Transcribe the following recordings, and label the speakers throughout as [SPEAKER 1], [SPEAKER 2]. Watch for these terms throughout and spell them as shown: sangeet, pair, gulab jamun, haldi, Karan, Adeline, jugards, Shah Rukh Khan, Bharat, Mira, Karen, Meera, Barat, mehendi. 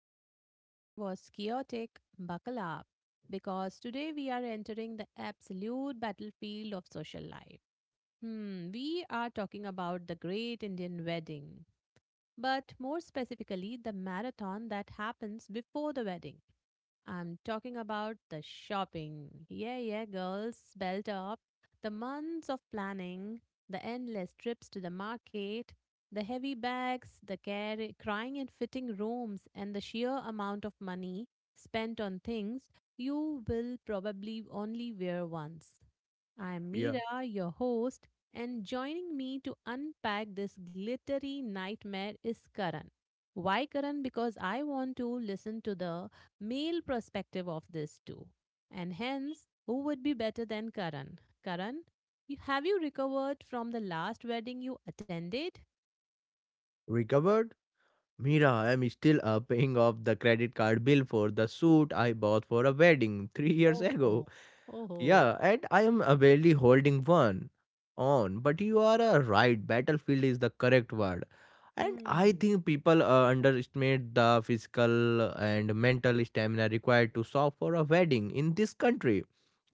[SPEAKER 1] last topic was chaotic, buckle up because today we are entering the absolute battlefield of social life. We are talking about the great Indian wedding, but more specifically, the marathon that happens before the wedding. I'm talking about the shopping. Yeah, yeah, girls, belt up. The months of planning, the endless trips to the market, the heavy bags, the care, crying and fitting rooms, and the sheer amount of money spent on things you will probably only wear once. I'm
[SPEAKER 2] Yeah.
[SPEAKER 1] Meera, your host, and joining me to unpack this glittery nightmare is Karan. Why Karan? Because I want to listen to the male perspective of this too. And hence, who would be better than Karan? Karan, have you recovered from the last wedding you attended?
[SPEAKER 2] Recovered? Mira, I'm still paying off the credit card bill for the suit I bought for a wedding 3 years
[SPEAKER 1] Oh,
[SPEAKER 2] ago.
[SPEAKER 1] oh, oh.
[SPEAKER 2] Yeah, and I am barely holding one on. But you are right, battlefield is the correct word. And I
[SPEAKER 1] Hmm.
[SPEAKER 2] think people underestimate the physical and mental stamina required to solve for a wedding in this country.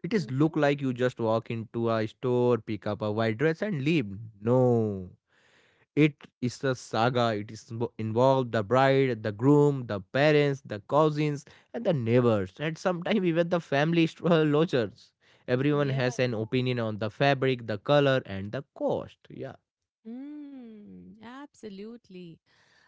[SPEAKER 2] It is look
[SPEAKER 1] Hmm.
[SPEAKER 2] like you just walk into a store, pick up a white dress, and leave. No. It is a saga. It is involved the bride, the groom, the parents, the cousins, and the neighbors, and sometimes even the family lodgers. Everyone
[SPEAKER 1] Yeah.
[SPEAKER 2] has an opinion on the fabric, the color, and the cost. Yeah.
[SPEAKER 1] Hmm. Absolutely.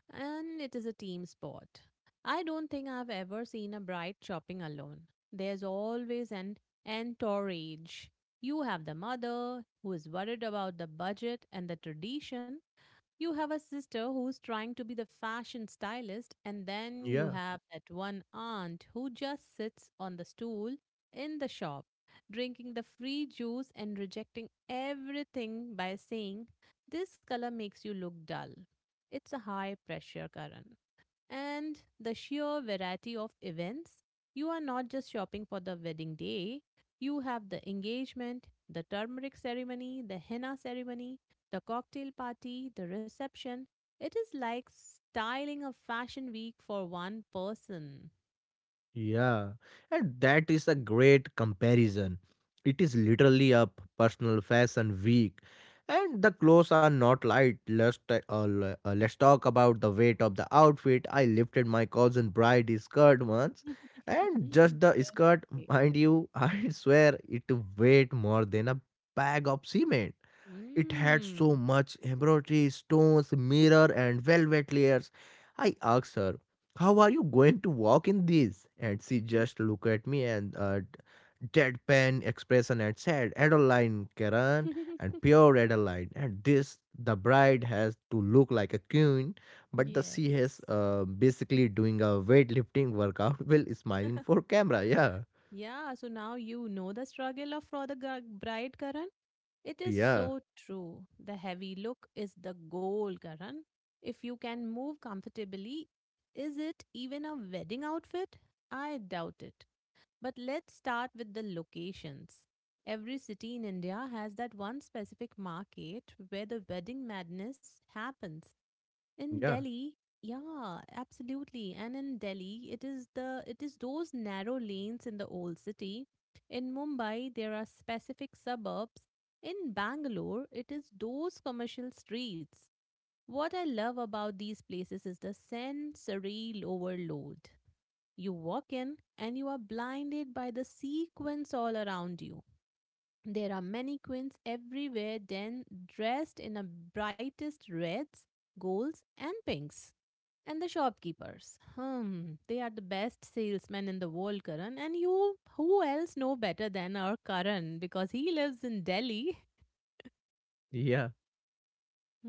[SPEAKER 1] And it is a team sport. I don't think I've ever seen a bride shopping alone. There's always an entourage. You have the mother who is worried about the budget and the tradition, you have a sister who's trying to be the fashion stylist, and then you
[SPEAKER 2] Yeah.
[SPEAKER 1] have that one aunt who just sits on the stool in the shop, drinking the free juice and rejecting everything by saying, "This color makes you look dull." It's a high pressure current. And the sheer variety of events, you are not just shopping for the wedding day, you have the engagement, the turmeric ceremony, the henna ceremony, the cocktail party, the reception, it is like styling a fashion week for one person.
[SPEAKER 2] Yeah, and that is a great comparison. It is literally a personal fashion week, and the clothes are not light. Let's talk about the weight of the outfit. I lifted my cousin bride's skirt once, and just the skirt,
[SPEAKER 1] Okay.
[SPEAKER 2] mind you, I swear it weighed more than a bag of cement. It had so
[SPEAKER 1] Mm.
[SPEAKER 2] much embroidery, stones, mirror, and velvet layers. I asked her, How are you going to walk in these? And she just looked at me and deadpan expression and said, Adeline, Karen, and pure Adeline. And this, the bride has to look like a queen, but the she has
[SPEAKER 1] Yes.
[SPEAKER 2] basically doing a weightlifting workout while smiling for camera. Yeah,
[SPEAKER 1] Yeah, so now you know the struggle of for the bride, Karan. It is
[SPEAKER 2] yeah,
[SPEAKER 1] so true. The heavy look is the goal, Karan. If you can move comfortably, is it even a wedding outfit? I doubt it. But let's start with the locations. Every city in India has that one specific market where the wedding madness happens. In
[SPEAKER 2] yeah,
[SPEAKER 1] Delhi, yeah, absolutely. And in Delhi, it is those narrow lanes in the old city. In Mumbai, there are specific suburbs. In Bangalore, it is those commercial streets. What I love about these places is the sensory overload. You walk in and you are blinded by the sequins all around you. There are many queens everywhere, then dressed in the brightest reds, golds, and pinks. And the shopkeepers. They are the best salesmen in the world, Karan. And you, who else know better than our Karan because he lives in Delhi?
[SPEAKER 2] yeah.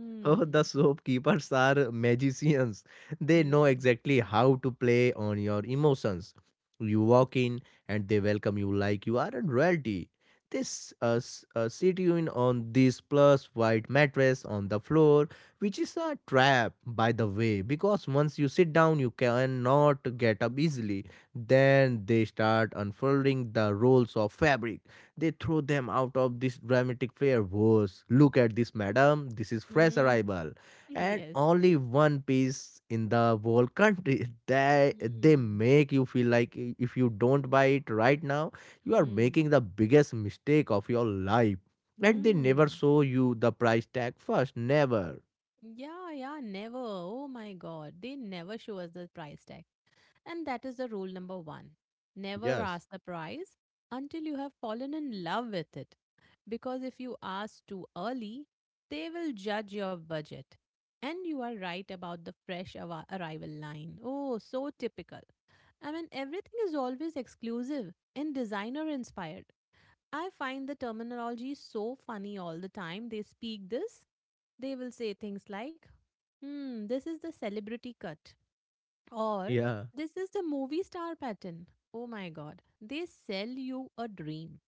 [SPEAKER 2] Oh, the shopkeepers are magicians. They know
[SPEAKER 1] yeah.
[SPEAKER 2] exactly how to play on your emotions. You walk in and they welcome you like you are a royalty. They sit you in on this plush white mattress on the floor, which is a trap, by the way, because once you sit down, you cannot get up easily. Then they start unfolding the rolls of fabric, they throw them out of this dramatic fair was, look at this madam, this is fresh
[SPEAKER 1] Hmm,
[SPEAKER 2] arrival. And
[SPEAKER 1] yes.
[SPEAKER 2] only one piece in the whole country. They
[SPEAKER 1] Hmm,
[SPEAKER 2] make you feel like if you don't buy it right now, you are
[SPEAKER 1] hmm,
[SPEAKER 2] making the biggest mistake of your life. And they never
[SPEAKER 1] hmm.
[SPEAKER 2] show you the price tag first. Never.
[SPEAKER 1] Yeah, yeah, never. Oh my God. They never show us the price tag. And that is the rule number one. Never
[SPEAKER 2] Yes.
[SPEAKER 1] ask the price until you have fallen in love with it. Because if you ask too early, they will judge your budget. And you are right about the fresh arrival line. Oh, so typical. I mean, everything is always exclusive and designer inspired. I find the terminology so funny all the time. They speak this They will say things like "This is the celebrity cut." Or
[SPEAKER 2] Yeah.
[SPEAKER 1] "This is the movie star pattern." Oh my god. They sell you a dream.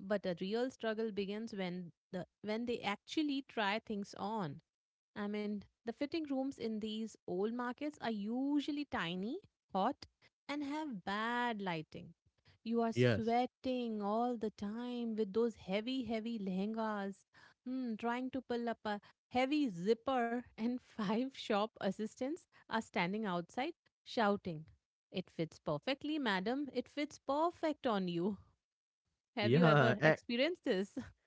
[SPEAKER 1] But a real struggle begins when they actually try things on. I mean, the fitting rooms in these old markets are usually tiny, hot, and have bad lighting. You are
[SPEAKER 2] Yes.
[SPEAKER 1] sweating all the time with those heavy, heavy lehengas, hmm, trying to pull up a heavy zipper, and five shop assistants are standing outside shouting, "It fits perfectly, madam, it fits perfect on you." Have you
[SPEAKER 2] Yeah.
[SPEAKER 1] ever experienced this?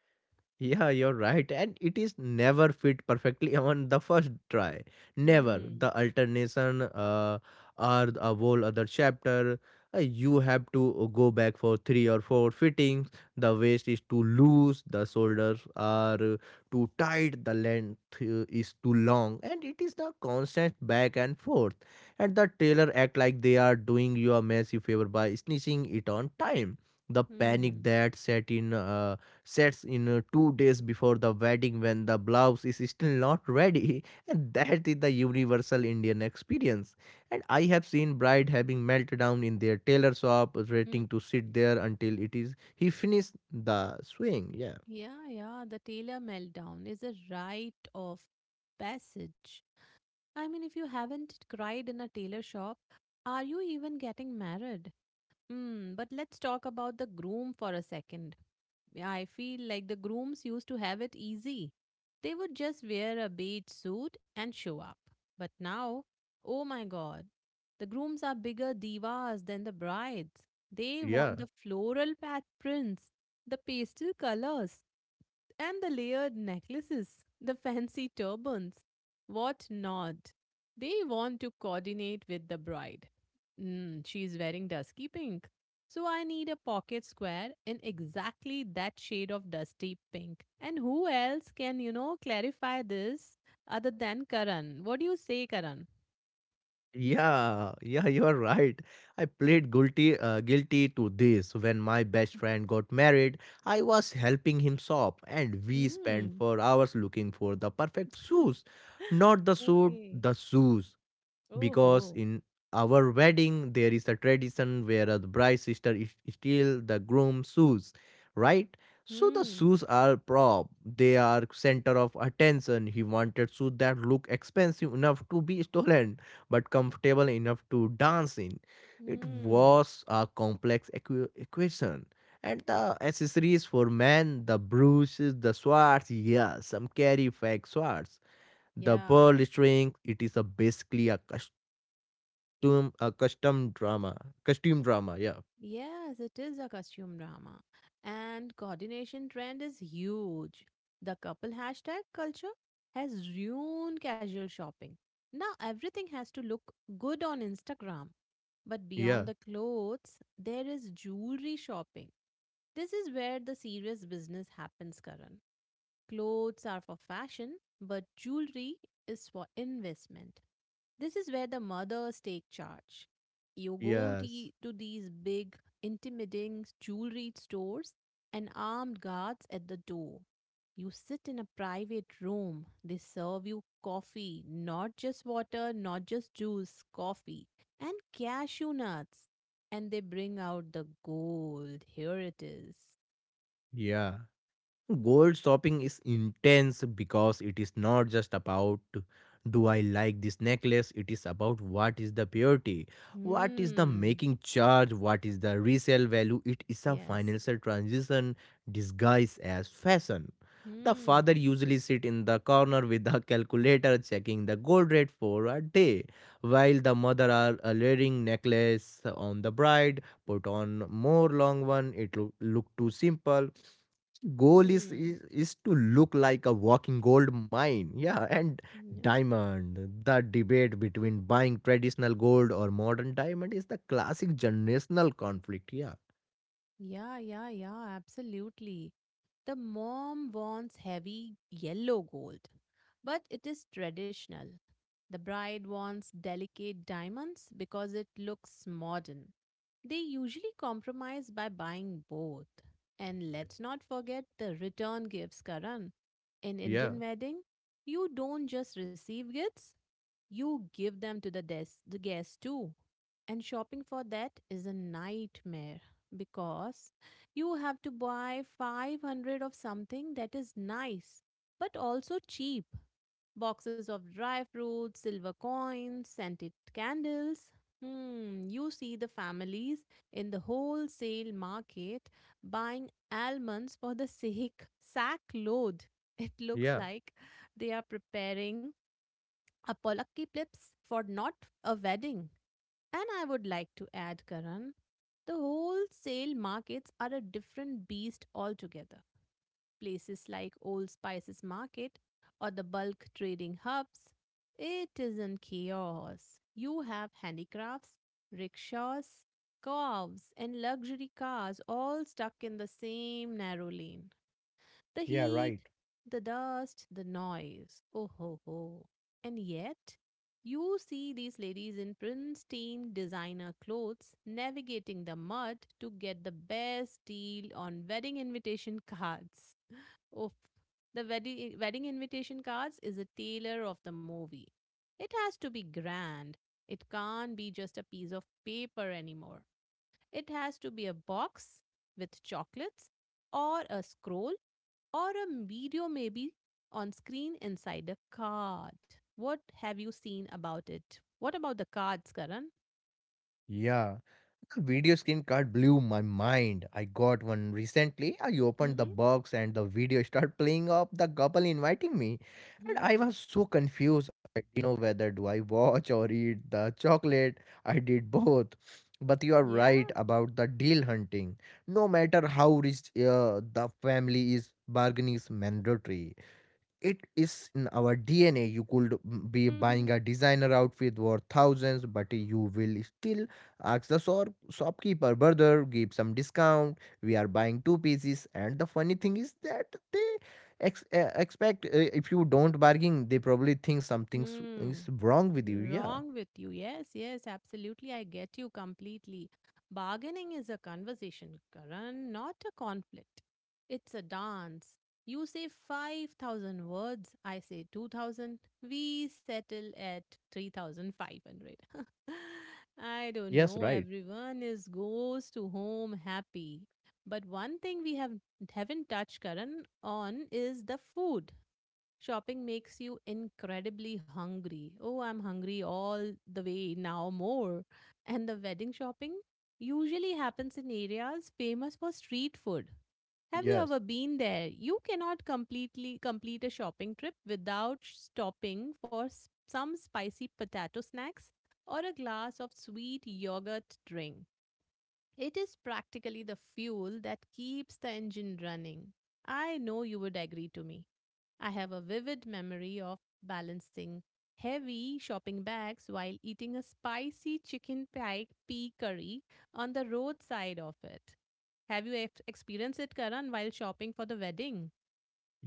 [SPEAKER 2] Yeah, you're right. And it is never fit perfectly on the first try. Never.
[SPEAKER 1] Hmm.
[SPEAKER 2] The alternation or a whole other chapter. You have to go back for three or four fittings. The waist is too loose. The shoulders are too tight. The length is too long. And it is the constant back and forth. And the tailor act like they are doing you a massive favor by snitching it on time. The panic
[SPEAKER 1] Hmm.
[SPEAKER 2] that set in. Uh, sets in 2 days before the wedding when the blouse is still not ready. And that is the universal Indian experience, and I have seen bride having meltdown in their tailor shop
[SPEAKER 1] Hmm.
[SPEAKER 2] waiting to sit there until it is he finished the swing. Yeah
[SPEAKER 1] Yeah, yeah. The Taylor meltdown is a rite of passage. I mean, if you haven't cried in a tailor shop, are you even getting married? Mm, but let's talk about the groom for a second. Yeah, I feel like the grooms used to have it easy. They would just wear a beige suit and show up. But now, oh my god, the grooms are bigger divas than the brides. They
[SPEAKER 2] yeah
[SPEAKER 1] want the floral pat prints, the pastel colors. And the layered necklaces, the fancy turbans, what not? They want to coordinate with the bride. Mm, she's wearing dusky pink. So I need a pocket square in exactly that shade of dusty pink. And who else can, you know, clarify this other than Karan? What do you say, Karan?
[SPEAKER 2] Yeah, yeah, you are right. I played guilty to this when my best friend got married. I was helping him shop and we spent
[SPEAKER 1] Hmm.
[SPEAKER 2] 4 hours looking for the perfect shoes. Not the suit,
[SPEAKER 1] Okay.
[SPEAKER 2] the shoes,
[SPEAKER 1] Oh
[SPEAKER 2] because
[SPEAKER 1] ho.
[SPEAKER 2] in our wedding there is a tradition where the bride's sister is steal the groom's shoes, right? So the
[SPEAKER 1] Hmm.
[SPEAKER 2] shoes are prop, they are center of attention. He wanted shoes that look expensive enough to be stolen but comfortable enough to dance in. It
[SPEAKER 1] Hmm.
[SPEAKER 2] was a complex equation. And the accessories for men, the brooches, the swords, yeah, some carry fake swords, the
[SPEAKER 1] Yeah.
[SPEAKER 2] pearl string, it is a basically a custom drama, costume drama. Yeah,
[SPEAKER 1] Yes, it is a costume drama. And coordination trend is huge. The couple hashtag culture has ruined casual shopping. Now everything has to look good on Instagram. But
[SPEAKER 2] yeah.
[SPEAKER 1] beyond the clothes, there is jewelry shopping. This is where the serious business happens, Karan. Clothes are for fashion, but jewelry is for investment. This is where the mothers take charge. You go
[SPEAKER 2] Yes.
[SPEAKER 1] to these big, intimidating jewelry stores and armed guards at the door. You sit in a private room. They serve you coffee, not just water, not just juice, coffee, and cashew nuts. And they bring out the gold. Here it is.
[SPEAKER 2] Yeah. Gold shopping is intense because it is not just about, do I like this necklace, it is about what is the purity, what is the
[SPEAKER 1] Hmm.
[SPEAKER 2] making charge, what is the resale value. It is a
[SPEAKER 1] Yes.
[SPEAKER 2] financial transition disguised as fashion. The father
[SPEAKER 1] Hmm.
[SPEAKER 2] usually sit in the corner with the calculator checking the gold rate for a day, while the mother are layering necklace on the bride, put on more long one, it look, look too simple, goal is,
[SPEAKER 1] Hmm.
[SPEAKER 2] is is to look like a walking gold mine, yeah. And
[SPEAKER 1] Yeah.
[SPEAKER 2] diamond, the debate between buying traditional gold or modern diamond is the classic generational conflict, yeah,
[SPEAKER 1] Yeah, yeah, yeah, absolutely. The mom wants heavy yellow gold, but it is traditional. The bride wants delicate diamonds because it looks modern. They usually compromise by buying both. And let's not forget the return gifts, Karan. In
[SPEAKER 2] yeah,
[SPEAKER 1] Indian wedding, you don't just receive gifts, you give them to the the guests too. And shopping for that is a nightmare because you have to buy 500 of something that is nice but also cheap. Boxes of dry fruits, silver coins, scented candles. Hmm, you see the families in the wholesale market buying almonds for the sake sack load. It looks
[SPEAKER 2] yeah.
[SPEAKER 1] like they are preparing Apolakki plips for not a wedding. And I would like to add, Karan, the wholesale markets are a different beast altogether. Places like Old Spices Market or the bulk trading hubs, it isn't chaos. You have handicrafts, rickshaws, cows, and luxury cars all stuck in the same narrow lane. The
[SPEAKER 2] Yeah,
[SPEAKER 1] heat,
[SPEAKER 2] right.
[SPEAKER 1] the dust, the noise. Oh ho ho. And yet, you see these ladies in pristine designer clothes navigating the mud to get the best deal on wedding invitation cards. Oof. The wedding invitation cards is a tailor of the movie. It has to be grand. It can't be just a piece of paper anymore. It has to be a box with chocolates, or a scroll, or a video maybe on screen inside a card. What have you seen about it? What about the cards, Karan?
[SPEAKER 2] Yeah. The video skin card blew my mind. I got one recently. I opened the
[SPEAKER 1] Mm-hmm.
[SPEAKER 2] box and the video started playing up the couple inviting me. And I
[SPEAKER 1] Hmm.
[SPEAKER 2] was so confused. I didn't know whether do I watch or eat the chocolate. I did both. But you are
[SPEAKER 1] Yeah.
[SPEAKER 2] right about the deal hunting. No matter how rich the family is, bargaining is mandatory. It is in our DNA. You could mm, be buying a designer outfit worth thousands, but you will still ask the shopkeeper, brother, give some discount. We are buying two pieces. And the funny thing is that they expect, if you don't bargain, they probably think something
[SPEAKER 1] Hmm.
[SPEAKER 2] is wrong with you. Yeah.
[SPEAKER 1] Wrong with you. Yes, yes, absolutely. I get you completely. Bargaining is a conversation, Karan, not a conflict. It's a dance. You say 5,000 words, I say 2,000. We settle at 3,500. I don't
[SPEAKER 2] Yes,
[SPEAKER 1] know,
[SPEAKER 2] right.
[SPEAKER 1] everyone is goes to home happy. But one thing we haven't touched Karan on is the food. Shopping makes you incredibly hungry. Oh, I'm hungry all the way, now more. And the wedding shopping usually happens in areas famous for street food. Have you ever
[SPEAKER 2] Yes.
[SPEAKER 1] been there? You cannot completely complete a shopping trip without stopping for some spicy potato snacks or a glass of sweet yogurt drink. It is practically the fuel that keeps the engine running. I know you would agree to me. I have a vivid memory of balancing heavy shopping bags while eating a spicy chicken pie pea curry on the roadside of it. Have you experienced it, Karan, while shopping for the wedding?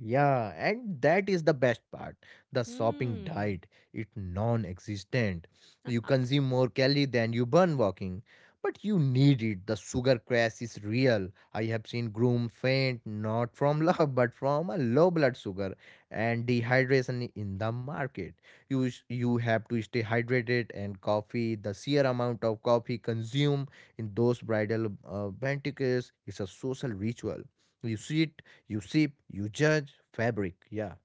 [SPEAKER 2] Yeah, and that is the best part. The shopping
[SPEAKER 1] Hmm.
[SPEAKER 2] diet, it non-existent. You consume more calorie than you burn walking, but you need it. The sugar crash is real. I have seen groom faint not from love but from a low blood sugar and dehydration in the market. You have to stay hydrated and coffee. The sheer amount of coffee consumed in those bridal banquets is a social ritual. You sit you sip, you judge fabric. Yeah.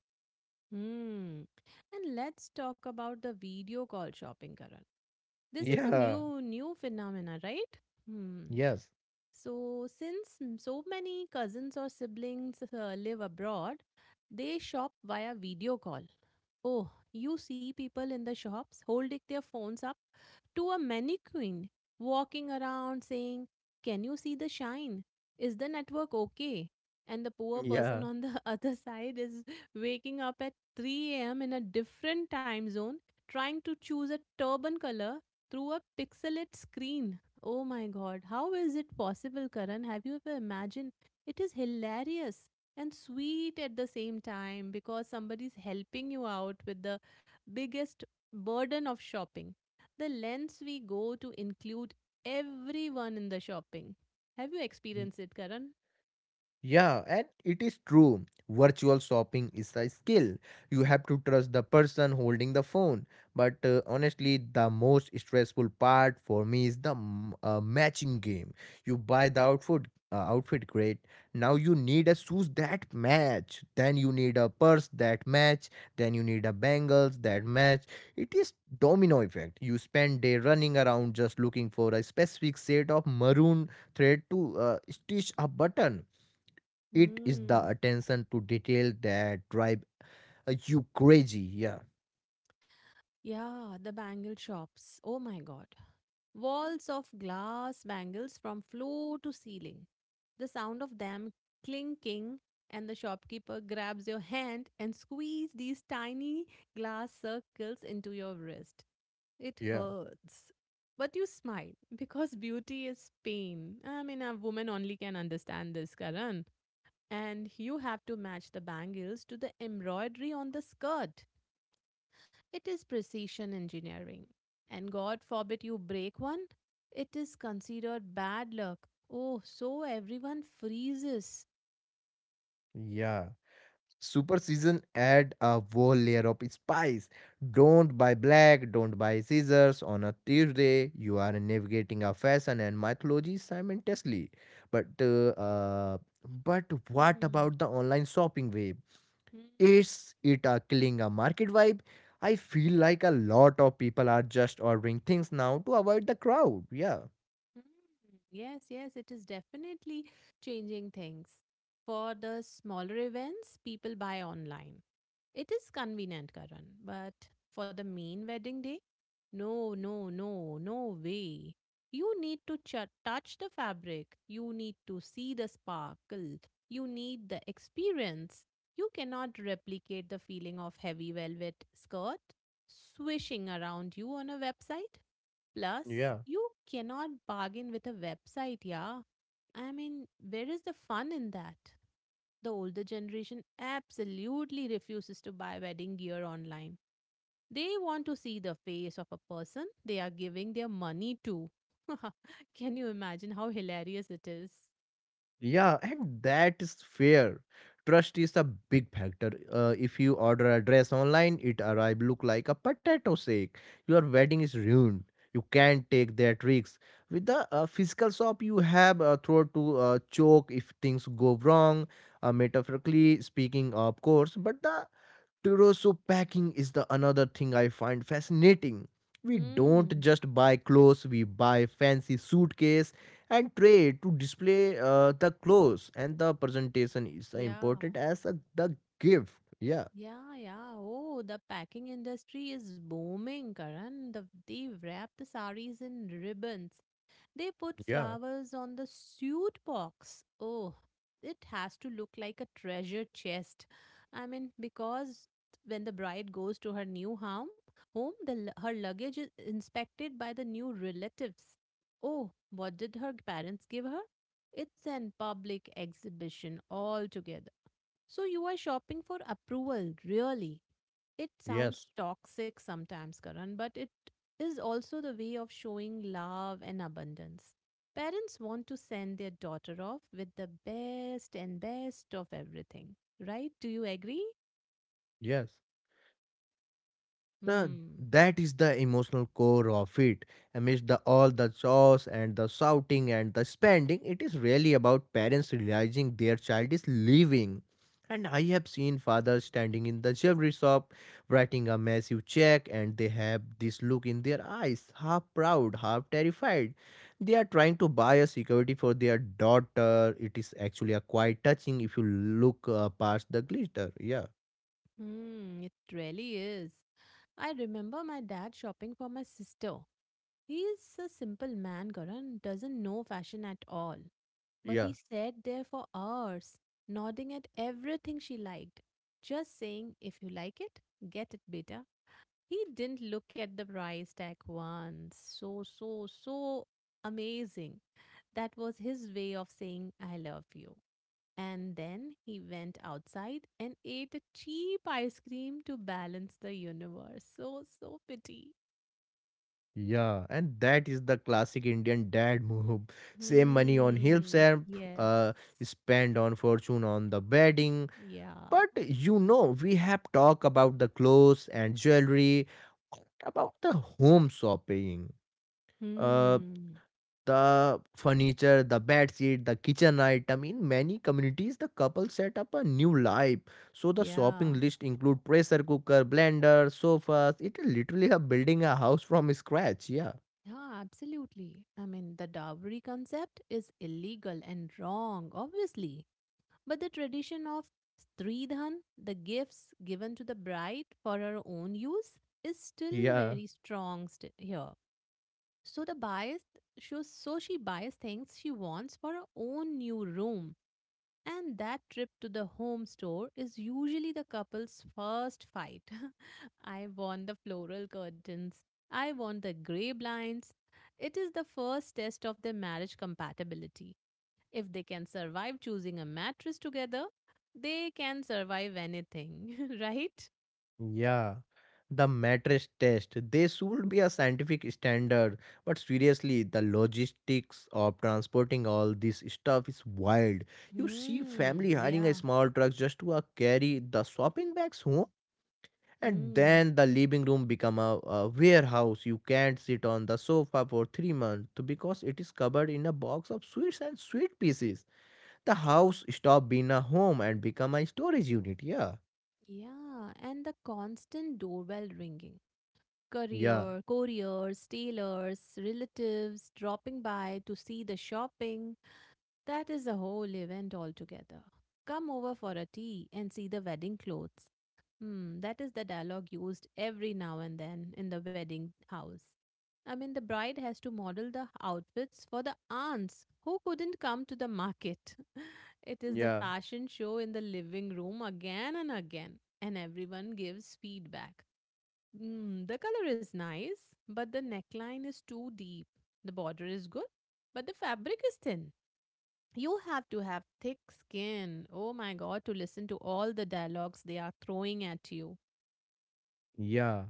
[SPEAKER 1] Hmm. And let's talk about the video call shopping, Karan. This is a
[SPEAKER 2] Yeah.
[SPEAKER 1] new phenomena, right? Hmm.
[SPEAKER 2] Yes.
[SPEAKER 1] So since so many cousins or siblings live abroad, they shop via video call. Oh, you see people in the shops holding their phones up to a mannequin walking around saying, "Can you see the shine? Is the network okay?" And the poor person
[SPEAKER 2] Yeah.
[SPEAKER 1] on the other side is waking up at 3 a.m. in a different time zone trying to choose a turban color through a pixelate screen. Oh my god, how is it possible, Karan? Have you ever imagined? It is hilarious and sweet at the same time because somebody's helping you out with the biggest burden of shopping the lengths we go to include everyone in the shopping. Have you experienced it, Karan?
[SPEAKER 2] Yeah, and it is true. Virtual shopping is a skill. You have to trust the person holding the phone. But honestly, the most stressful part for me is the matching game. You buy the outfit, outfit great. Now you need a shoes that match. Then you need a purse that match. Then you need a bangles that match. It is domino effect. You spend day running around just looking for a specific set of maroon thread to stitch a button. It is the
[SPEAKER 1] Mm.
[SPEAKER 2] attention to detail that drive you crazy. Yeah,
[SPEAKER 1] Yeah, the bangle shops. Oh my god. Walls of glass bangles from floor to ceiling. The sound of them clinking, and the shopkeeper grabs your hand and squeeze these tiny glass circles into your wrist. It
[SPEAKER 2] yeah,
[SPEAKER 1] hurts. But you smile because beauty is pain. I mean, a woman only can understand this, Karan. And you have to match the bangles to the embroidery on the skirt. It is precision engineering. And God forbid you break one, it is considered bad luck. Oh, so everyone freezes.
[SPEAKER 2] yeah. Super season add a whole layer of spice. Don't buy black, don't buy scissors on a Tuesday. You are navigating a fashion and mythology simultaneously. But uh, uh, but what
[SPEAKER 1] Hmm.
[SPEAKER 2] about the online shopping wave?
[SPEAKER 1] Hmm.
[SPEAKER 2] Is it a killing a market vibe? I feel like a lot of people are just ordering things now to avoid the crowd. Yeah.
[SPEAKER 1] Mm, yes, yes, it is definitely changing things. For the smaller events, people buy online. It is convenient, Karan, but for the main wedding day, no, no, no, no way. You need to touch the fabric, you need to see the sparkle, you need the experience. You cannot replicate the feeling of heavy velvet skirt swishing around you on a website. Plus, you cannot bargain with a website, yeah. I mean, where is the fun in that? The older generation absolutely refuses to buy wedding gear online. They want to see the face of a person they are giving their money to. Can you imagine how hilarious it is?
[SPEAKER 2] Yeah, and that is fair. Trust is a big factor. If you order a dress online, it arrive look like a potato sack. Your wedding is ruined. You can't take their tricks. With the physical shop, you have a throat to choke if things go wrong, metaphorically speaking, of course. But the Tiroso packing is the another thing I find fascinating. We don't
[SPEAKER 1] Hmm.
[SPEAKER 2] just buy clothes, we buy fancy suitcase and tray to display the clothes, and the presentation is
[SPEAKER 1] Yeah.
[SPEAKER 2] important as a, the gift. Yeah.
[SPEAKER 1] Yeah, yeah. Oh, the packing industry is booming, Karan. They wrap the saris in ribbons. They put
[SPEAKER 2] Yeah.
[SPEAKER 1] flowers on the suit box. Oh, it has to look like a treasure chest. I mean, because when the bride goes to her new home, her luggage is inspected by the new relatives. Oh, what did her parents give her? It's an public exhibition altogether. So you are shopping for approval, really. It
[SPEAKER 2] Yes.
[SPEAKER 1] sounds toxic sometimes, Karan, but it is also the way of showing love and abundance. Parents want to send their daughter off with the best and best of everything, right? Do you agree?
[SPEAKER 2] Yes. The,
[SPEAKER 1] Hmm.
[SPEAKER 2] that is the emotional core of it. Amidst the all the chores and the shouting and the spending, it is really about parents realizing their child is leaving. And I have seen fathers standing in the jewelry shop, writing a massive check, and they have this look in their eyes, half proud, half terrified. They are trying to buy a security for their daughter. It is actually a quite touching if you look past the glitter. Yeah,
[SPEAKER 1] Hmm, it really is. I remember my dad shopping for my sister. He is a simple man, Karan, doesn't know fashion at all. But
[SPEAKER 2] yeah.
[SPEAKER 1] he sat there for hours, nodding at everything she liked, just saying, "If you like it, get it, beta." He didn't look at the price tag once. So amazing. That was his way of saying, "I love you." And then he went outside and ate a cheap ice cream to balance the universe. So, so pity.
[SPEAKER 2] Yeah, and that is the classic Indian dad move. Save money on
[SPEAKER 1] Hmm.
[SPEAKER 2] himself,
[SPEAKER 1] Yes.
[SPEAKER 2] uh, spend on fortune on the wedding.
[SPEAKER 1] Yeah.
[SPEAKER 2] But you know, we have talked about the clothes and jewelry, what about the home shopping, uh,
[SPEAKER 1] Hmm.
[SPEAKER 2] the furniture, the bed sheet, the kitchen item. In many communities, the couple set up a new life. So the shopping
[SPEAKER 1] Yeah.
[SPEAKER 2] list include pressure cooker, blender, sofas. It's literally a building a house from scratch. Yeah,
[SPEAKER 1] Yeah, absolutely. I mean, the dowry concept is illegal and wrong, obviously. But the tradition of Stridhan, the gifts given to the bride for her own use, is still
[SPEAKER 2] yeah.
[SPEAKER 1] very strong here. So the bias, shows, so she buys things she wants for her own new room, and that trip to the home store is usually the couple's first fight. I want the floral curtains. I want the gray blinds. It is the first test of their marriage compatibility. If they can survive choosing a mattress together, they can survive anything, right?
[SPEAKER 2] Yeah, the mattress test. They should be a scientific standard, but seriously, the logistics of transporting all this stuff is wild. You see
[SPEAKER 1] Hmm,
[SPEAKER 2] family hiring a
[SPEAKER 1] yeah.
[SPEAKER 2] small truck just to carry the shopping bags home, and
[SPEAKER 1] Hmm.
[SPEAKER 2] then the living room become a warehouse. You can't sit on the sofa for 3 months because it is covered in a box of sweets and sweet pieces. The house stop being a home and become a storage unit. Yeah,
[SPEAKER 1] Yeah, and the constant doorbell ringing.
[SPEAKER 2] yeah,
[SPEAKER 1] Courier, couriers, tailors, relatives dropping by to see the shopping. That is a whole event altogether. Come over for a tea and see the wedding clothes. Hmm, that is the dialogue used every now and then in the wedding house. I mean, the bride has to model the outfits for the aunts who couldn't come to the market. It is the
[SPEAKER 2] yeah.
[SPEAKER 1] fashion show in the living room again and again, and everyone gives feedback. Mm, the color is nice, but the neckline is too deep. The border is good, but the fabric is thin. You have to have thick skin. Oh my god, to listen to all the dialogues they are throwing at you.
[SPEAKER 2] Yeah,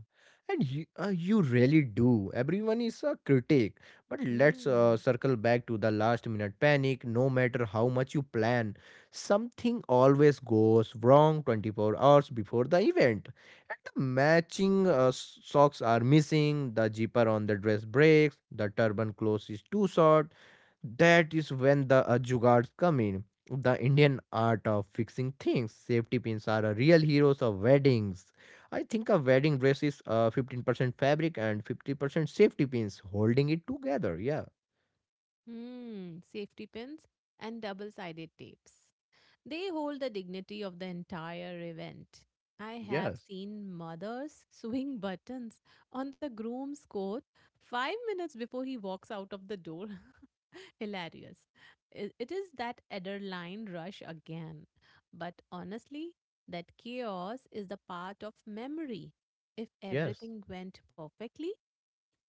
[SPEAKER 2] and you, you really do. Everyone is a critic. But let's
[SPEAKER 1] Mm.
[SPEAKER 2] circle back to the last minute panic. No matter how much you plan, something always goes wrong 24 hours before the event. And the matching socks are missing, the zipper on the dress breaks, the turban close is too short, that is when the jugards come in. The Indian art of fixing things. Safety pins are a real heroes of weddings. I think a wedding dress is 15% fabric and 50% safety pins holding it together. Yeah,
[SPEAKER 1] Mm. Safety pins and double sided tapes. They hold the dignity of the entire event. I have
[SPEAKER 2] yes,
[SPEAKER 1] seen mothers swing buttons on the groom's coat 5 minutes before he walks out of the door. Hilarious. It is that adrenaline rush again. But honestly, that chaos is the part of memory. If
[SPEAKER 2] yes,
[SPEAKER 1] everything went perfectly,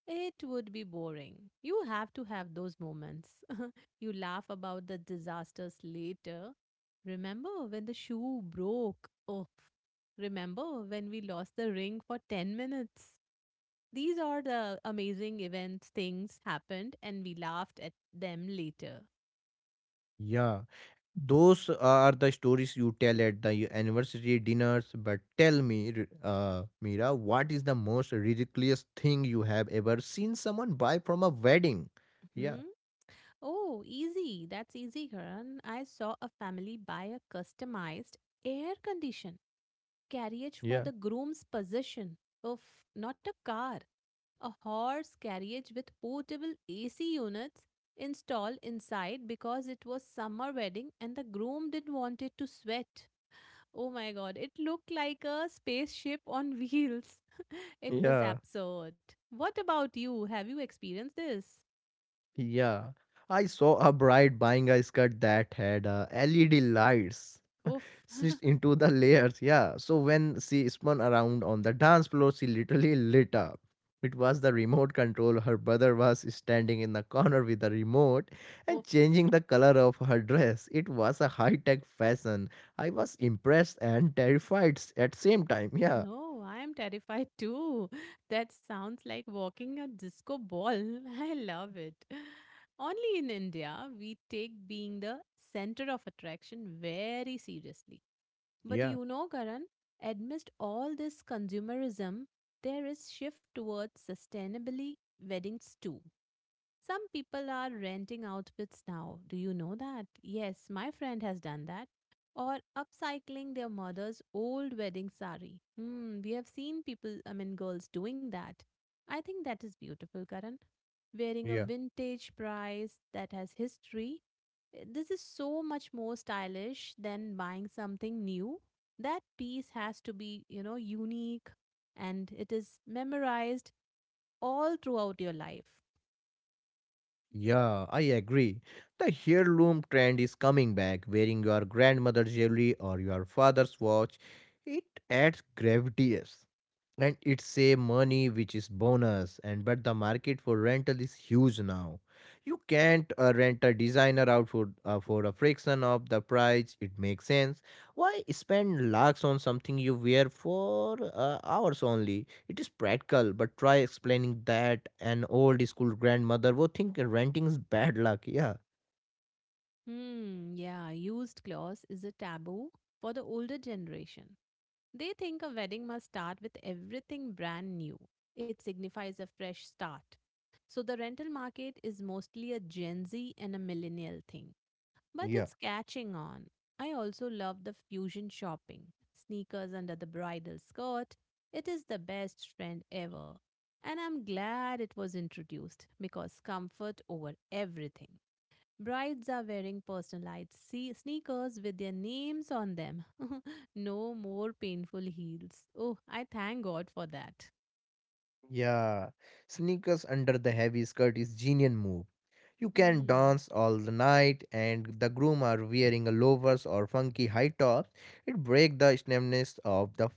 [SPEAKER 1] it would be boring. You have to have those moments. You laugh about the disasters later. Remember when the shoe broke? Oh, remember when we lost the ring for 10 minutes? These are the amazing events, things happened, and we laughed at them later.
[SPEAKER 2] yeah, those are the stories you tell at the anniversary dinners. But tell me, Mira, what is the most ridiculous thing you have ever seen someone buy from a wedding? Yeah,
[SPEAKER 1] Hmm? Oh, easy. That's easy, Karan. I saw a family buy a customized air conditioned carriage for
[SPEAKER 2] yeah.
[SPEAKER 1] the groom's possession. Of not a car, a horse carriage with portable AC units installed inside because it was summer wedding and the groom didn't want it to sweat. Oh my god, it looked like a spaceship on wheels.
[SPEAKER 2] So,
[SPEAKER 1] It was
[SPEAKER 2] Yeah.
[SPEAKER 1] absurd. What about you? Have you experienced this?
[SPEAKER 2] yeah, I saw a bride buying a skirt that had LED lights
[SPEAKER 1] Oof.
[SPEAKER 2] stitched into the layers. Yeah, so when she spun around on the dance floor, she literally lit up. It was the remote control. Her brother was standing in the corner with the remote and
[SPEAKER 1] Oof.
[SPEAKER 2] changing the color of her dress. It was a high-tech fashion. I was impressed and terrified at same time. Yeah,
[SPEAKER 1] No, I am terrified too. That sounds like walking a disco ball. I love it. Only in India, we take being the center of attraction very seriously. But
[SPEAKER 2] yeah,
[SPEAKER 1] you know, Karan, amidst all this consumerism, there is shift towards sustainably weddings too. Some people are renting outfits now. Do you know that? Yes, my friend has done that. Or upcycling their mother's old wedding sari. Hmm, we have seen people, I mean, girls doing that. I think that is beautiful, Karan. Wearing a
[SPEAKER 2] yeah.
[SPEAKER 1] vintage prize that has history. Eh, this is so much more stylish than buying something new. That piece has to be, you know, unique, and it is memorized all throughout your life.
[SPEAKER 2] Yeah, I agree. The heirloom trend is coming back. Wearing your grandmother's jewelry or your father's watch, it adds gravitas, and it's save money which is bonus. And but the market for rental is huge now. You can't rent a designer outfit for a fraction of the price. It makes sense. Why spend lakhs on something you wear for hours only? It is practical, but try explaining that an old school grandmother would think renting is bad luck. Yeah,
[SPEAKER 1] Hmm, yeah, used clause is a taboo for the older generation. They think a wedding must start with everything brand new. It signifies a fresh start. So the rental market is mostly a Gen Z and a millennial thing, but
[SPEAKER 2] yeah.
[SPEAKER 1] it's catching on. I also love the fusion shopping, sneakers under the bridal skirt. It is the best trend ever. And I'm glad it was introduced because comfort over everything. Brides are wearing personalized sneakers with their names on them. No more painful heels. Oh, I thank God for that.
[SPEAKER 2] Yeah, sneakers under the heavy skirt is genius move. You can
[SPEAKER 1] Hmm.
[SPEAKER 2] dance all the night, and the groom are wearing a loafers or funky high tops. It break the stemness of the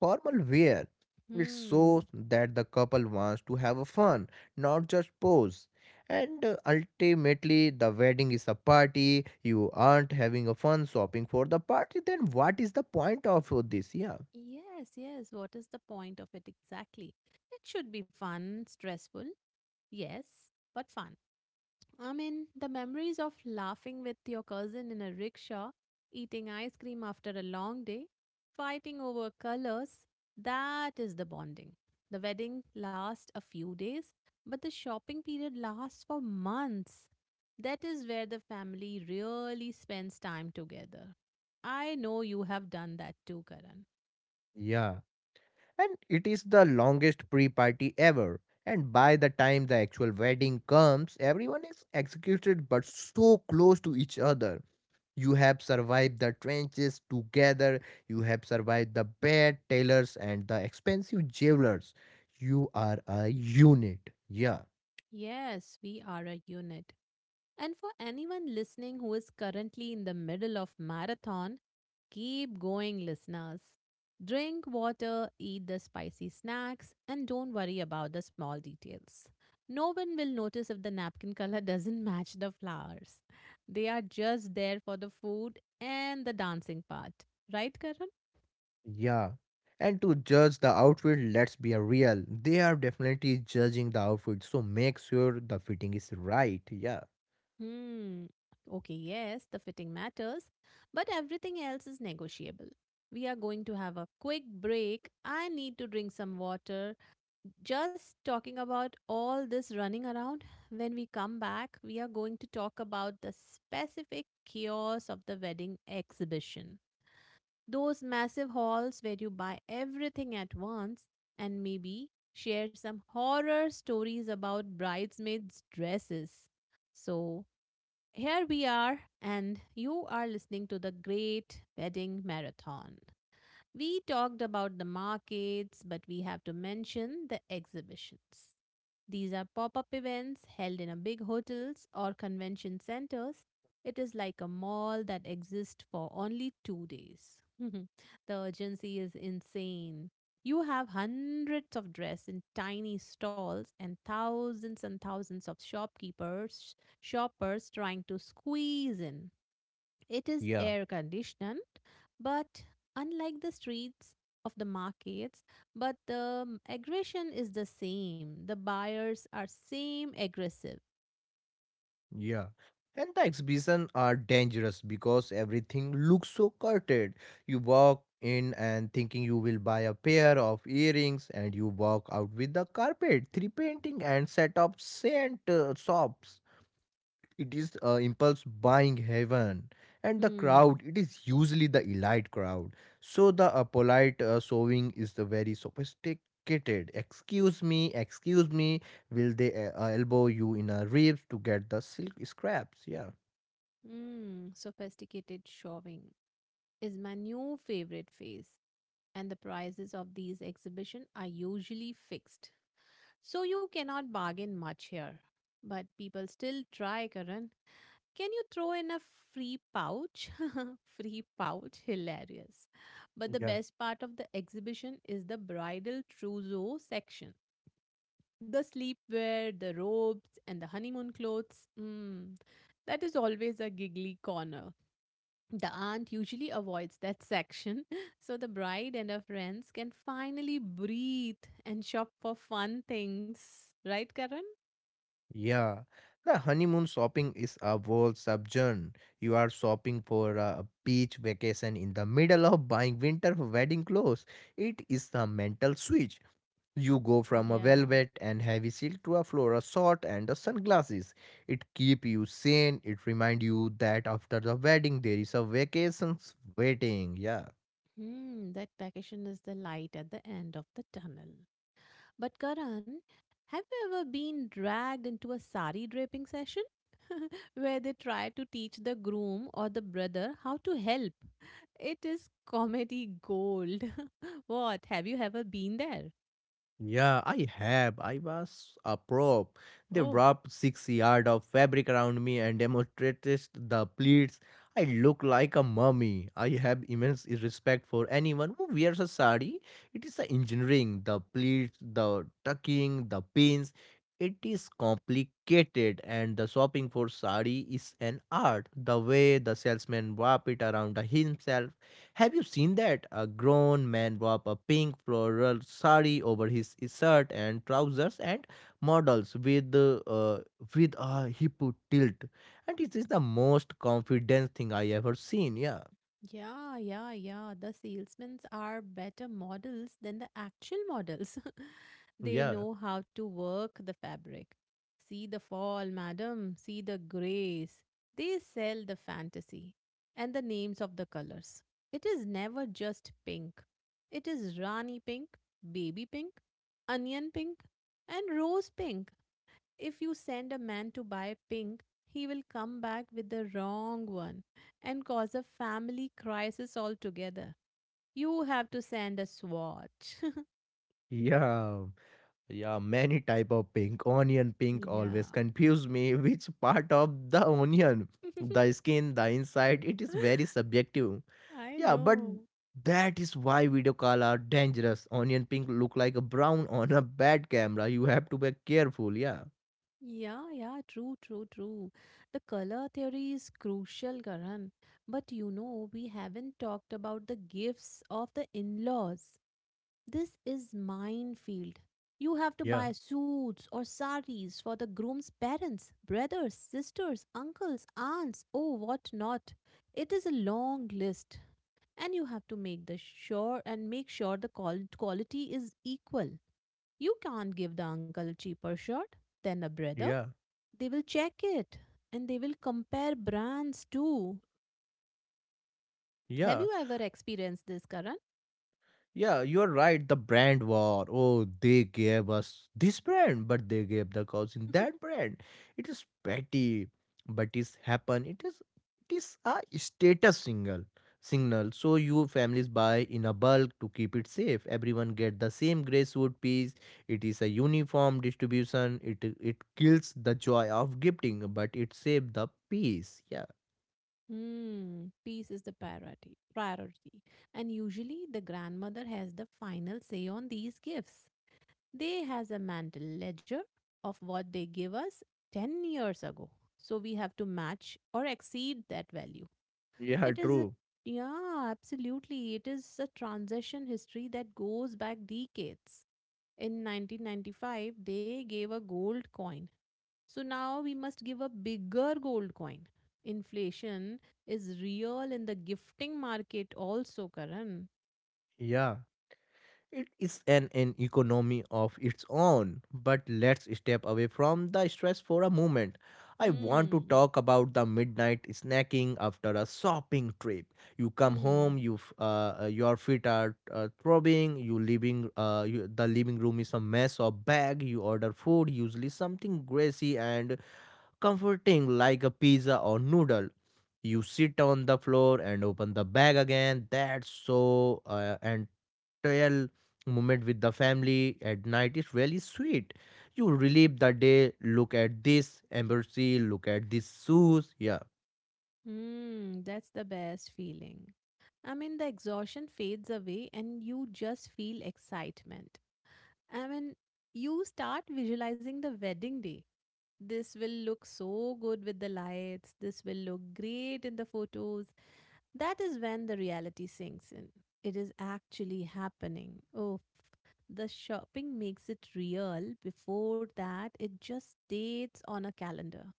[SPEAKER 2] formal wear. It shows
[SPEAKER 1] Hmm.
[SPEAKER 2] that the couple wants to have a fun, not just pose. And ultimately, the wedding is a party. You aren't having a fun shopping for the party. Then what is the point of this? Yeah,
[SPEAKER 1] Yes, yes. What is the point of it exactly? It should be fun, stressful, yes, but fun. I mean, the memories of laughing with your cousin in a rickshaw, eating ice cream after a long day, fighting over colors, that is the bonding. The wedding lasts a few days, but the shopping period lasts for months. That is where the family really spends time together. I know you have done that too, Karan.
[SPEAKER 2] yeah, and it is the longest pre party ever. And by the time the actual wedding comes, everyone is executed but so close to each other. You have survived the trenches together, you have survived the bad tailors and the expensive jailers. You are a unit. Yeah,
[SPEAKER 1] Yes, we are a unit. And for anyone listening who is currently in the middle of marathon, keep going listeners. Drink water, eat the spicy snacks, and don't worry about the small details. No one will notice if the napkin color doesn't match the flowers. They are just there for the food and the dancing part. Right, Karan?
[SPEAKER 2] yeah. And to judge the outfit, let's be real. They are definitely judging the outfit, so make sure the fitting is right. Yeah,
[SPEAKER 1] Hmm. Okay, yes, the fitting matters, but everything else is negotiable. We are going to have a quick break. I need to drink some water. Just talking about all this running around, when we come back, we are going to talk about the specific chaos of the wedding exhibition. Those massive halls where you buy everything at once, and maybe share some horror stories about bridesmaids' dresses. So, here we are, and you are listening to the Great Wedding Marathon. We talked about the markets, but we have to mention the exhibitions. These are pop up events held in a big hotels or convention centers. It is like a mall that exists for only 2 days. The urgency is insane. You have hundreds of dress in tiny stalls and thousands of shopkeepers, shoppers trying to squeeze in. It is
[SPEAKER 2] yeah,
[SPEAKER 1] air conditioned, but unlike the streets of the markets, but the mm, aggression is the same. The buyers are same aggressive.
[SPEAKER 2] yeah. And the exhibition are dangerous because everything looks so curtailed. You walk in and thinking you will buy a pair of earrings and you walk out with the carpet, three painting and set of scent shops. It is impulse buying heaven, and the crowd,
[SPEAKER 1] Hmm.
[SPEAKER 2] it is usually the elite crowd, so the polite sewing is the very sophisticated excuse me, excuse me. Will they elbow you in a ribs to get the silk scraps? Yeah,
[SPEAKER 1] Hmm. Sophisticated shopping is my new favorite phase, and the prices of these exhibition are usually fixed, so you cannot bargain much here. But people still try, Karan. Can you throw in a free pouch? Free pouch, hilarious. But the
[SPEAKER 2] yeah,
[SPEAKER 1] best part of the exhibition is the bridal trousseau section. The sleepwear, the robes, and the honeymoon clothes. Mm, that is always a giggly corner. The aunt usually avoids that section so the bride and her friends can finally breathe and shop for fun things. Right, Karan?
[SPEAKER 2] yeah, the honeymoon shopping is a whole subgenre. You are shopping for a beach vacation in the middle of buying winter wedding clothes. It is the mental switch. You go from a
[SPEAKER 1] Yeah.
[SPEAKER 2] velvet and heavy silk to a floral short and the sunglasses. It keep you sane. It remind you that after the wedding there is a vacations waiting. Yeah.
[SPEAKER 1] Hmm, that vacation is the light at the end of the tunnel. But Karan, have you ever been dragged into a sari draping session where they try to teach the groom or the brother how to help? It is comedy gold. What? Have you ever been there?
[SPEAKER 2] Yeah, I have. I was a pro. They
[SPEAKER 1] Oh.
[SPEAKER 2] wrapped 6 yard of fabric around me and demonstrated the pleats. I look like a mummy. I have immense respect for anyone who wears a sari. It is the engineering, the pleats, the tucking, the pins. It is complicated, and the shopping for sari is an art. The way the salesman wrap it around himself, have you seen that? A grown man wrapped a pink floral sari over his shirt and trousers and models with a hip tilt, and it is the most confident thing I ever seen. Yeah,
[SPEAKER 1] Yeah, yeah, yeah. The salesmen are better models than the actual models. They
[SPEAKER 2] yeah,
[SPEAKER 1] know how to work the fabric. See the fall, madam. See the grace. They sell the fantasy and the names of the colors. It is never just pink. It is Rani pink, baby pink, onion pink, and rose pink. If you send a man to buy pink, he will come back with the wrong one and cause a family crisis altogether. You have to send a swatch.
[SPEAKER 2] yeah, yeah. Many type of pink. Onion pink always
[SPEAKER 1] Yeah.
[SPEAKER 2] confuse me. Which part of the onion? The skin, the inside. It is very subjective.
[SPEAKER 1] I
[SPEAKER 2] Yeah, but
[SPEAKER 1] know.
[SPEAKER 2] that is why video call are dangerous. Onion pink look like a brown on a bad camera. You have to be careful. Yeah,
[SPEAKER 1] Yeah, yeah, true, true, true. The color theory is crucial, Karan. But you know, we haven't talked about the gifts of the in laws. This is minefield. You have to
[SPEAKER 2] yeah,
[SPEAKER 1] buy suits or saris for the groom's parents, brothers, sisters, uncles, aunts, oh what not. It is a long list. And you have to make the sure and make sure the quality is equal. You can't give the uncle a cheaper shirt than a brother.
[SPEAKER 2] yeah,
[SPEAKER 1] They will check it and they will compare brands too. Have
[SPEAKER 2] yeah.
[SPEAKER 1] you ever experienced this, Karan?
[SPEAKER 2] Yeah, you're right. The brand war. Oh, they gave us this brand, but they gave the cousin that brand. It is petty, but it's happen. It is a status single signal. So you families buy in a bulk to keep it safe. Everyone get the same grey suit piece. It is a uniform distribution. It kills the joy of gifting, but it save the peace. Yeah,
[SPEAKER 1] Hmm, peace is the priority, And usually the grandmother has the final say on these gifts. They has a mental ledger of what they give us 10 years ago. So we have to match or exceed that value.
[SPEAKER 2] yeah,
[SPEAKER 1] It is a
[SPEAKER 2] true.
[SPEAKER 1] yeah, absolutely. It is a transaction history that goes back decades. In 1995, they gave a gold coin, so now we must give a bigger gold coin. Inflation is real in the gifting market also, Karan.
[SPEAKER 2] Yeah, it is an economy of its own, but let's step away from the stress for a moment. I want to
[SPEAKER 1] Hmm.
[SPEAKER 2] talk about the midnight snacking after a shopping trip. You come home,
[SPEAKER 1] Hmm.
[SPEAKER 2] your feet are throbbing, the living room is a mess of bag. You order food, usually something greasy and comforting like a pizza or noodle. You sit on the floor and open the bag again that's so and Real moment with the family at night is really sweet. You relive the day, look at this embassy, look at these shoes. Yeah,
[SPEAKER 1] Hmm. That's the best feeling. I mean, the exhaustion fades away and you just feel excitement. I mean, you start visualizing the wedding day. This will look so good with the lights. This will look great in the photos. That is when the reality sinks in. It is actually happening. Oh, the shopping makes it real. Before that, it just dates on a calendar.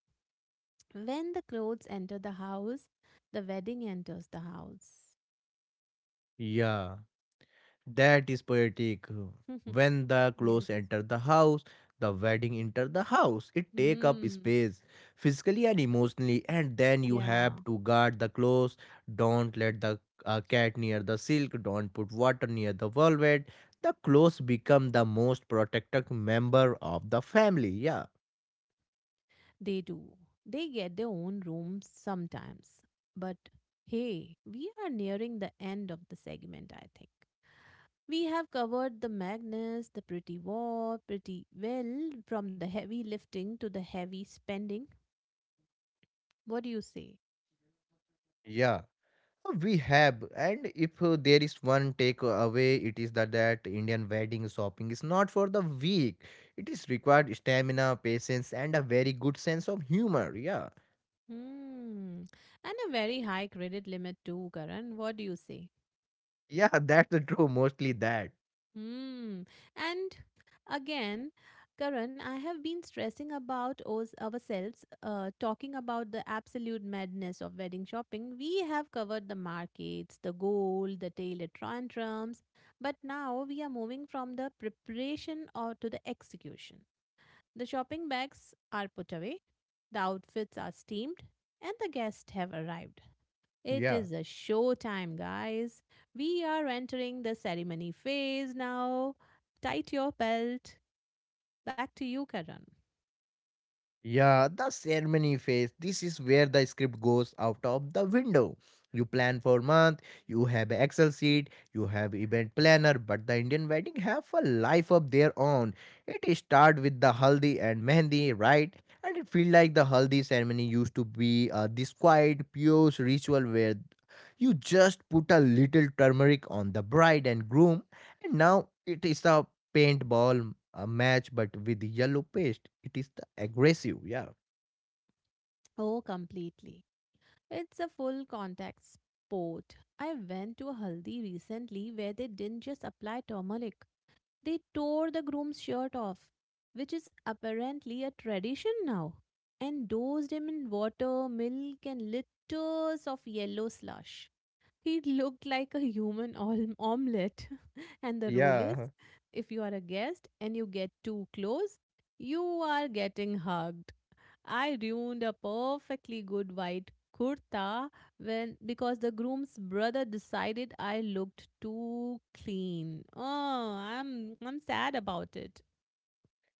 [SPEAKER 1] When the clothes enter the house, the wedding enters the house.
[SPEAKER 2] yeah. That is poetic. When the clothes
[SPEAKER 1] yes.
[SPEAKER 2] enter the house, the wedding enter the house. It take up
[SPEAKER 1] Hmm.
[SPEAKER 2] space, physically and emotionally, and then you
[SPEAKER 1] Yeah.
[SPEAKER 2] have to guard the clothes. Don't let the cat near the silk. Don't put water near the velvet. The clothes become the most protected member of the family. Yeah,
[SPEAKER 1] They do. They get their own rooms sometimes. But hey, we are nearing the end of the segment, I think. We have covered the Magnus, the Pretty War pretty well, from the heavy lifting to the heavy spending. What do you say?
[SPEAKER 2] yeah. So, we have, and if there is one takeaway, it is that Indian wedding shopping is not for the weak. It is required stamina, patience, and a very good sense of humor. Yeah,
[SPEAKER 1] Hmm. And a very high credit limit too, Karan. What do you say?
[SPEAKER 2] yeah, that's the true. Mostly that.
[SPEAKER 1] Hmm. And again, Karan, I have been stressing about us ourselves, talking about the absolute madness of wedding shopping. We have covered the markets, the gold, the tailor tantrums, but now we are moving from the preparation or to the execution. The shopping bags are put away, the outfits are steamed, and the guests have arrived. It
[SPEAKER 2] Yeah.
[SPEAKER 1] is a show time, guys. We are entering the ceremony phase now. Tight your belt. Back to you, Karan.
[SPEAKER 2] Yeah, the ceremony phase. This is where the script goes out of the window. You plan for month, you have a Excel sheet, you have event planner, but the Indian wedding have a life of their own. It start with the haldi and mehendi, right? And it feel like the haldi ceremony used to be this quiet, pure ritual where you just put a little turmeric on the bride and groom, and now it is a paintball a match, but with yellow paste. It is the aggressive. Yeah,
[SPEAKER 1] Oh, completely. It's a full contact sport. I went to a haldi recently where they didn't just apply turmeric, they tore the groom's shirt off, which is apparently a tradition now, and dosed him in water, milk, and litters of yellow slush. He looked like a human omelette. And the rule
[SPEAKER 2] yeah,
[SPEAKER 1] is, if you are a guest and you get too close, you are getting hugged. I ruined a perfectly good white kurta when because the groom's brother decided I looked too clean. Oh, I'm sad about it.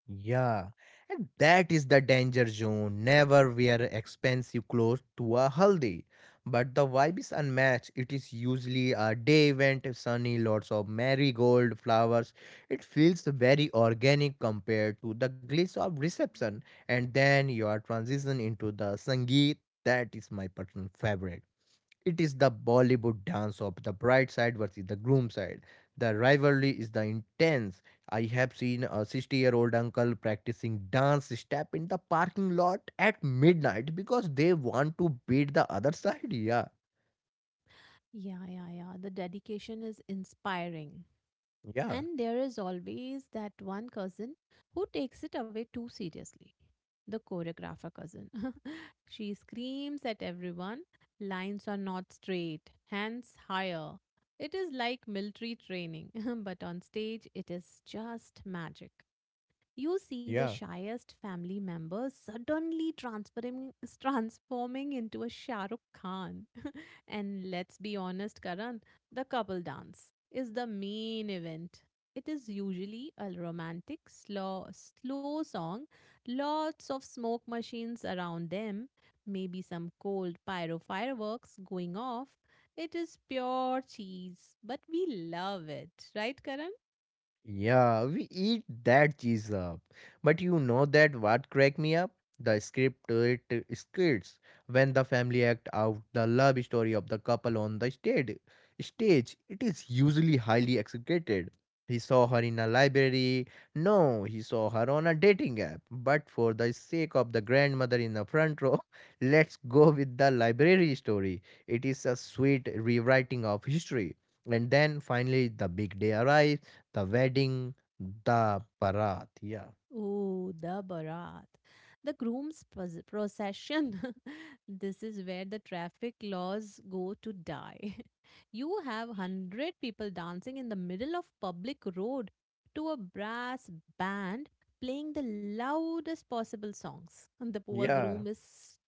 [SPEAKER 2] yeah. And that is the danger zone. Never wear expensive clothes to a haldi. But the vibe is unmatched. It is usually a day event, sunny, lots of marigold flowers. It feels very organic compared to the glitz of reception. And then your transition into the sangeet. That is my personal favorite. It is the Bollywood dance of the bride side versus the groom side. The rivalry is the intense. I have seen a 60-year-old uncle practicing dance step in the parking lot at midnight because they want to beat the other side. Yeah,
[SPEAKER 1] Yeah, yeah, yeah. The dedication is inspiring.
[SPEAKER 2] yeah,
[SPEAKER 1] And there is always that one cousin who takes it away too seriously. The choreographer cousin. She screams at everyone, lines are not straight, hands higher. It is like military training, but on stage it is just magic. You see the
[SPEAKER 2] yeah.
[SPEAKER 1] shyest family member suddenly transforming, transforming into a Shah Rukh Khan. And let's be honest, Karan, the couple dance is the main event. It is usually a romantic, slow song, lots of smoke machines around them, maybe some cold pyro fireworks going off. It is pure cheese, but we love it, right, Karan?
[SPEAKER 2] Yeah, we eat that cheese up. But you know that what cracked me up? The script it Skits, when the family act out the love story of the couple on the stage. Stage it is usually highly executed. He saw her in a library. No, he saw her on a dating app. But for the sake of the grandmother in the front row, let's go with the library story. It is a sweet rewriting of history. And then finally, the big day arrives, the Wedding, the Barat. Yeah,
[SPEAKER 1] Oh, the Bharat. The groom's procession. This is where the traffic laws go to die. You have 100 people dancing in the middle of public road to a brass band playing the loudest possible songs. And the poor
[SPEAKER 2] yeah.
[SPEAKER 1] groom is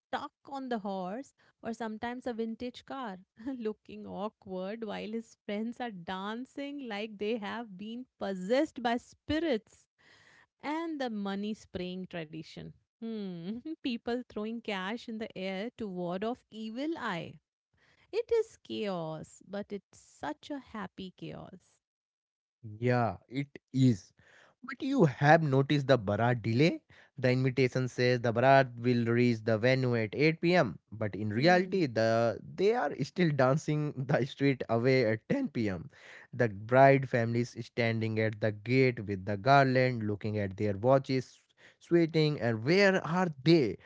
[SPEAKER 1] stuck on the horse or sometimes a vintage car, looking awkward while his friends are dancing like they have been possessed by spirits, and the money spraying tradition. Hmm, people throwing cash in the air to ward off evil eye. It is chaos, but it's such a happy chaos.
[SPEAKER 2] Yeah, it is. But you have noticed the Bharat delay? The invitation says the Bharat will reach the venue at 8 p.m., but in
[SPEAKER 1] Hmm.
[SPEAKER 2] reality, they are still dancing the street away at 10 pm. The bride families standing at the gate with the garland, looking at their watches, sweating, and where are they?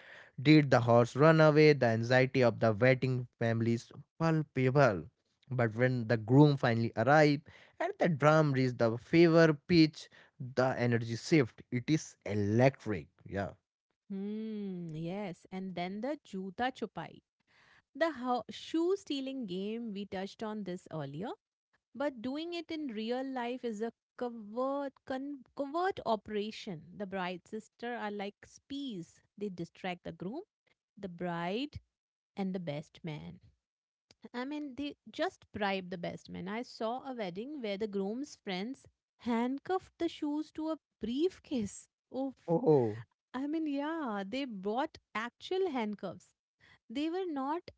[SPEAKER 2] Did the horse run away? The anxiety of the waiting families palpable. But when the groom finally arrives, and the drum reached the fever pitch, the energy shift it is electric. Yeah,
[SPEAKER 1] Hmm, yes, and then the juta chupai. The shoe stealing game, we touched on this earlier. But doing it in real life is a covert operation. The bride's sister are like spies. They distract the groom, the bride, and the best man. I mean, they just bribe the best man. I saw a wedding where the groom's friends handcuffed the shoes to a briefcase. Oof.
[SPEAKER 2] oh,
[SPEAKER 1] I mean, yeah, they bought actual handcuffs. They were not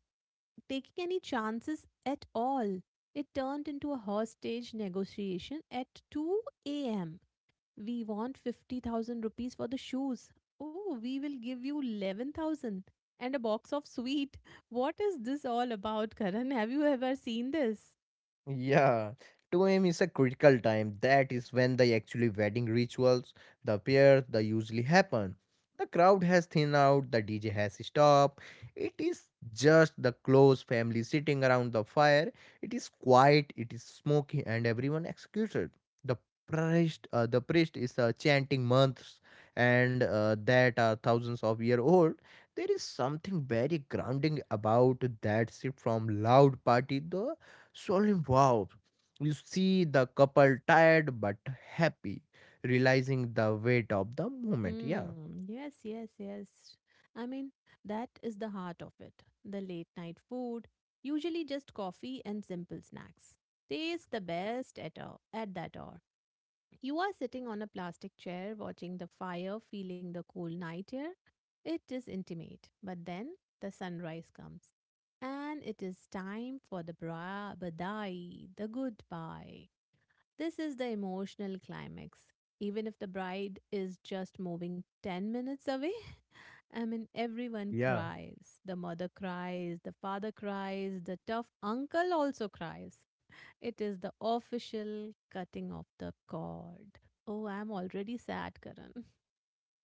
[SPEAKER 1] taking any chances at all. It turned into a hostage negotiation at 2 a.m. We want 50,000 rupees for the shoes. Oh, we will give you 11,000 and a box of sweet. What is this all about, Karan? Have you ever seen this?
[SPEAKER 2] yeah, 2 a.m. is a critical time. That is when the actually wedding rituals, the pair, the usually happen. The crowd has thinned out, the DJ has stopped. It is just the close family sitting around the fire. It is quiet, it is smoky, and everyone executed. The the priest is chanting months and that are thousands of year old. There is something very grounding about that shift from loud party though soul involved. You see the couple tired but happy, realizing the weight of the moment. Yeah,
[SPEAKER 1] Mm, yes, yes, yes. I mean, that is the heart of it. The late night food, usually just coffee and simple snacks. Tastes the best at that hour. You are sitting on a plastic chair, watching the fire, feeling the cool night air. It is intimate. But then the sunrise comes. And it is time for the badai, the goodbye. This is the emotional climax. Even if the bride is just moving 10 minutes away, I mean, everyone
[SPEAKER 2] yeah.
[SPEAKER 1] cries. The mother cries, the father cries, the tough uncle also cries. It is the official cutting of the cord. Oh, I'm already sad, Karan.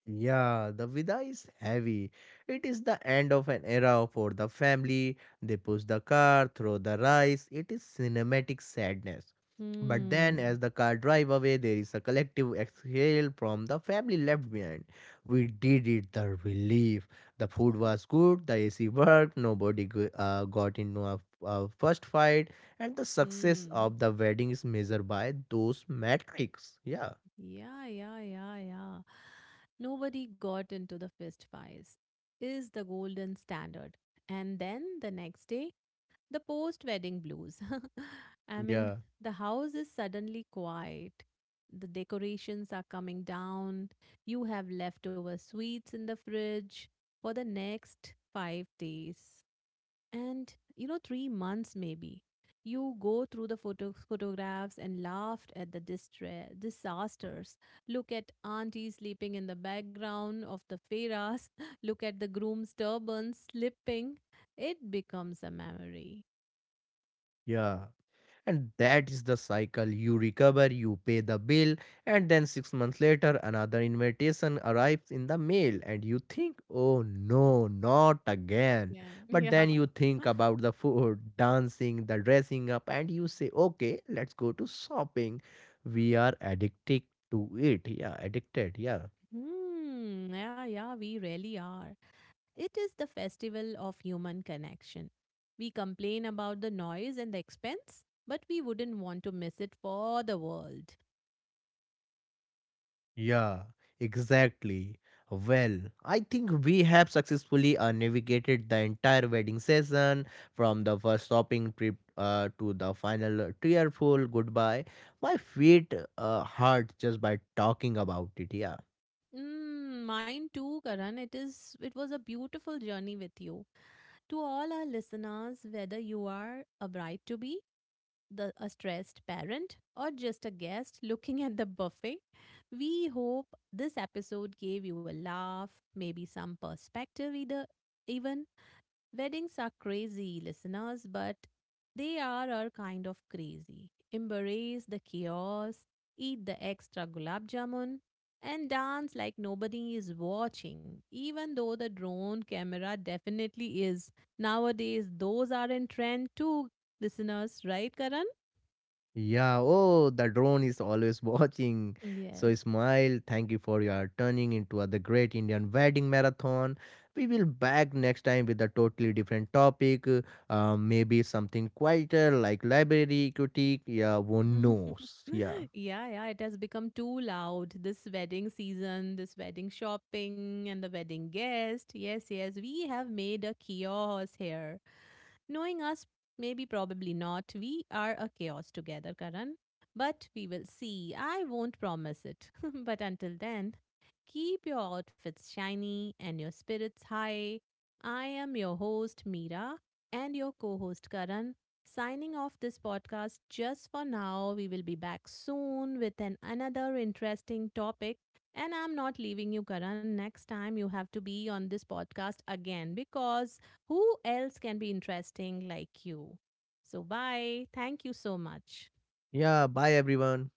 [SPEAKER 2] Yeah, the vida is heavy. It is the end of an era for the family. They push the car, throw the rice. It is cinematic sadness. But then, as
[SPEAKER 1] Hmm.
[SPEAKER 2] the car drive away, there is a collective exhale from the family left behind. We did it, the relief. The food was good, the AC worked, got into a first fight, and the success
[SPEAKER 1] Hmm.
[SPEAKER 2] of the wedding is measured by those metrics. Yeah,
[SPEAKER 1] Yeah, yeah, yeah, yeah. Nobody got into the fist fights is the golden standard. And then the next day, the post wedding blues. I mean,
[SPEAKER 2] yeah,
[SPEAKER 1] the house is suddenly quiet. The decorations are coming down. You have leftover sweets in the fridge for the next 5 days. And you know, 3 months maybe, you go through the photographs and laughed at the disasters. Look at auntie sleeping in the background of the feras, look at the groom's turban slipping. It becomes a memory.
[SPEAKER 2] yeah. And that is the cycle. You recover, you pay the bill, and then 6 months later, another invitation arrives in the mail, and you think, oh no, not again.
[SPEAKER 1] Yeah.
[SPEAKER 2] But
[SPEAKER 1] Yeah.
[SPEAKER 2] then you think about the food, dancing, the dressing up, and you say, okay, let's go to shopping. We are addicted to it. Yeah, addicted. Yeah.
[SPEAKER 1] Hmm, yeah, yeah, we really are. It is the festival of human connection. We complain about the noise and the expense, but we wouldn't want to miss it for the world.
[SPEAKER 2] Yeah, exactly. Well, I think we have successfully navigated the entire wedding season from the first shopping trip to the final tearful goodbye. My feet hurt just by talking about it. Yeah.
[SPEAKER 1] Mm, mine too, Karan. It is it was a beautiful journey with you. To all our listeners, whether you are a bride to be, the a stressed parent, or just a guest looking at the buffet, we hope this episode gave you a laugh, maybe some perspective, either even weddings are crazy, listeners, but they are our kind of crazy. Embrace the chaos, eat the extra gulab jamun, and dance like nobody is watching, even though the drone camera definitely is. Nowadays, those are in trend too, listeners, right, Karan?
[SPEAKER 2] Yeah, oh, the drone is always watching. So
[SPEAKER 1] Yes.
[SPEAKER 2] smile. Thank you for your turning into the Great Indian Wedding Marathon. We will back next time with a totally different topic. Maybe something quieter like library critique. Yeah, one knows. Yeah,
[SPEAKER 1] Yeah, yeah, it has become too loud. This wedding season, this wedding shopping, and the wedding guest. Yes, yes, we have made a chaos here. Knowing us, maybe probably not. We are a chaos together, Karan. But we will see. I won't promise it. But until then, keep your outfits shiny and your spirits high. I am your host, Meera, and your co host, Karan. Signing off this podcast just for now. We will be back soon with an another interesting topic. And I'm not leaving you, Karan. Next time you have to be on this podcast again because who else can be interesting like you? So, bye. Thank you so much.
[SPEAKER 2] yeah. Bye everyone.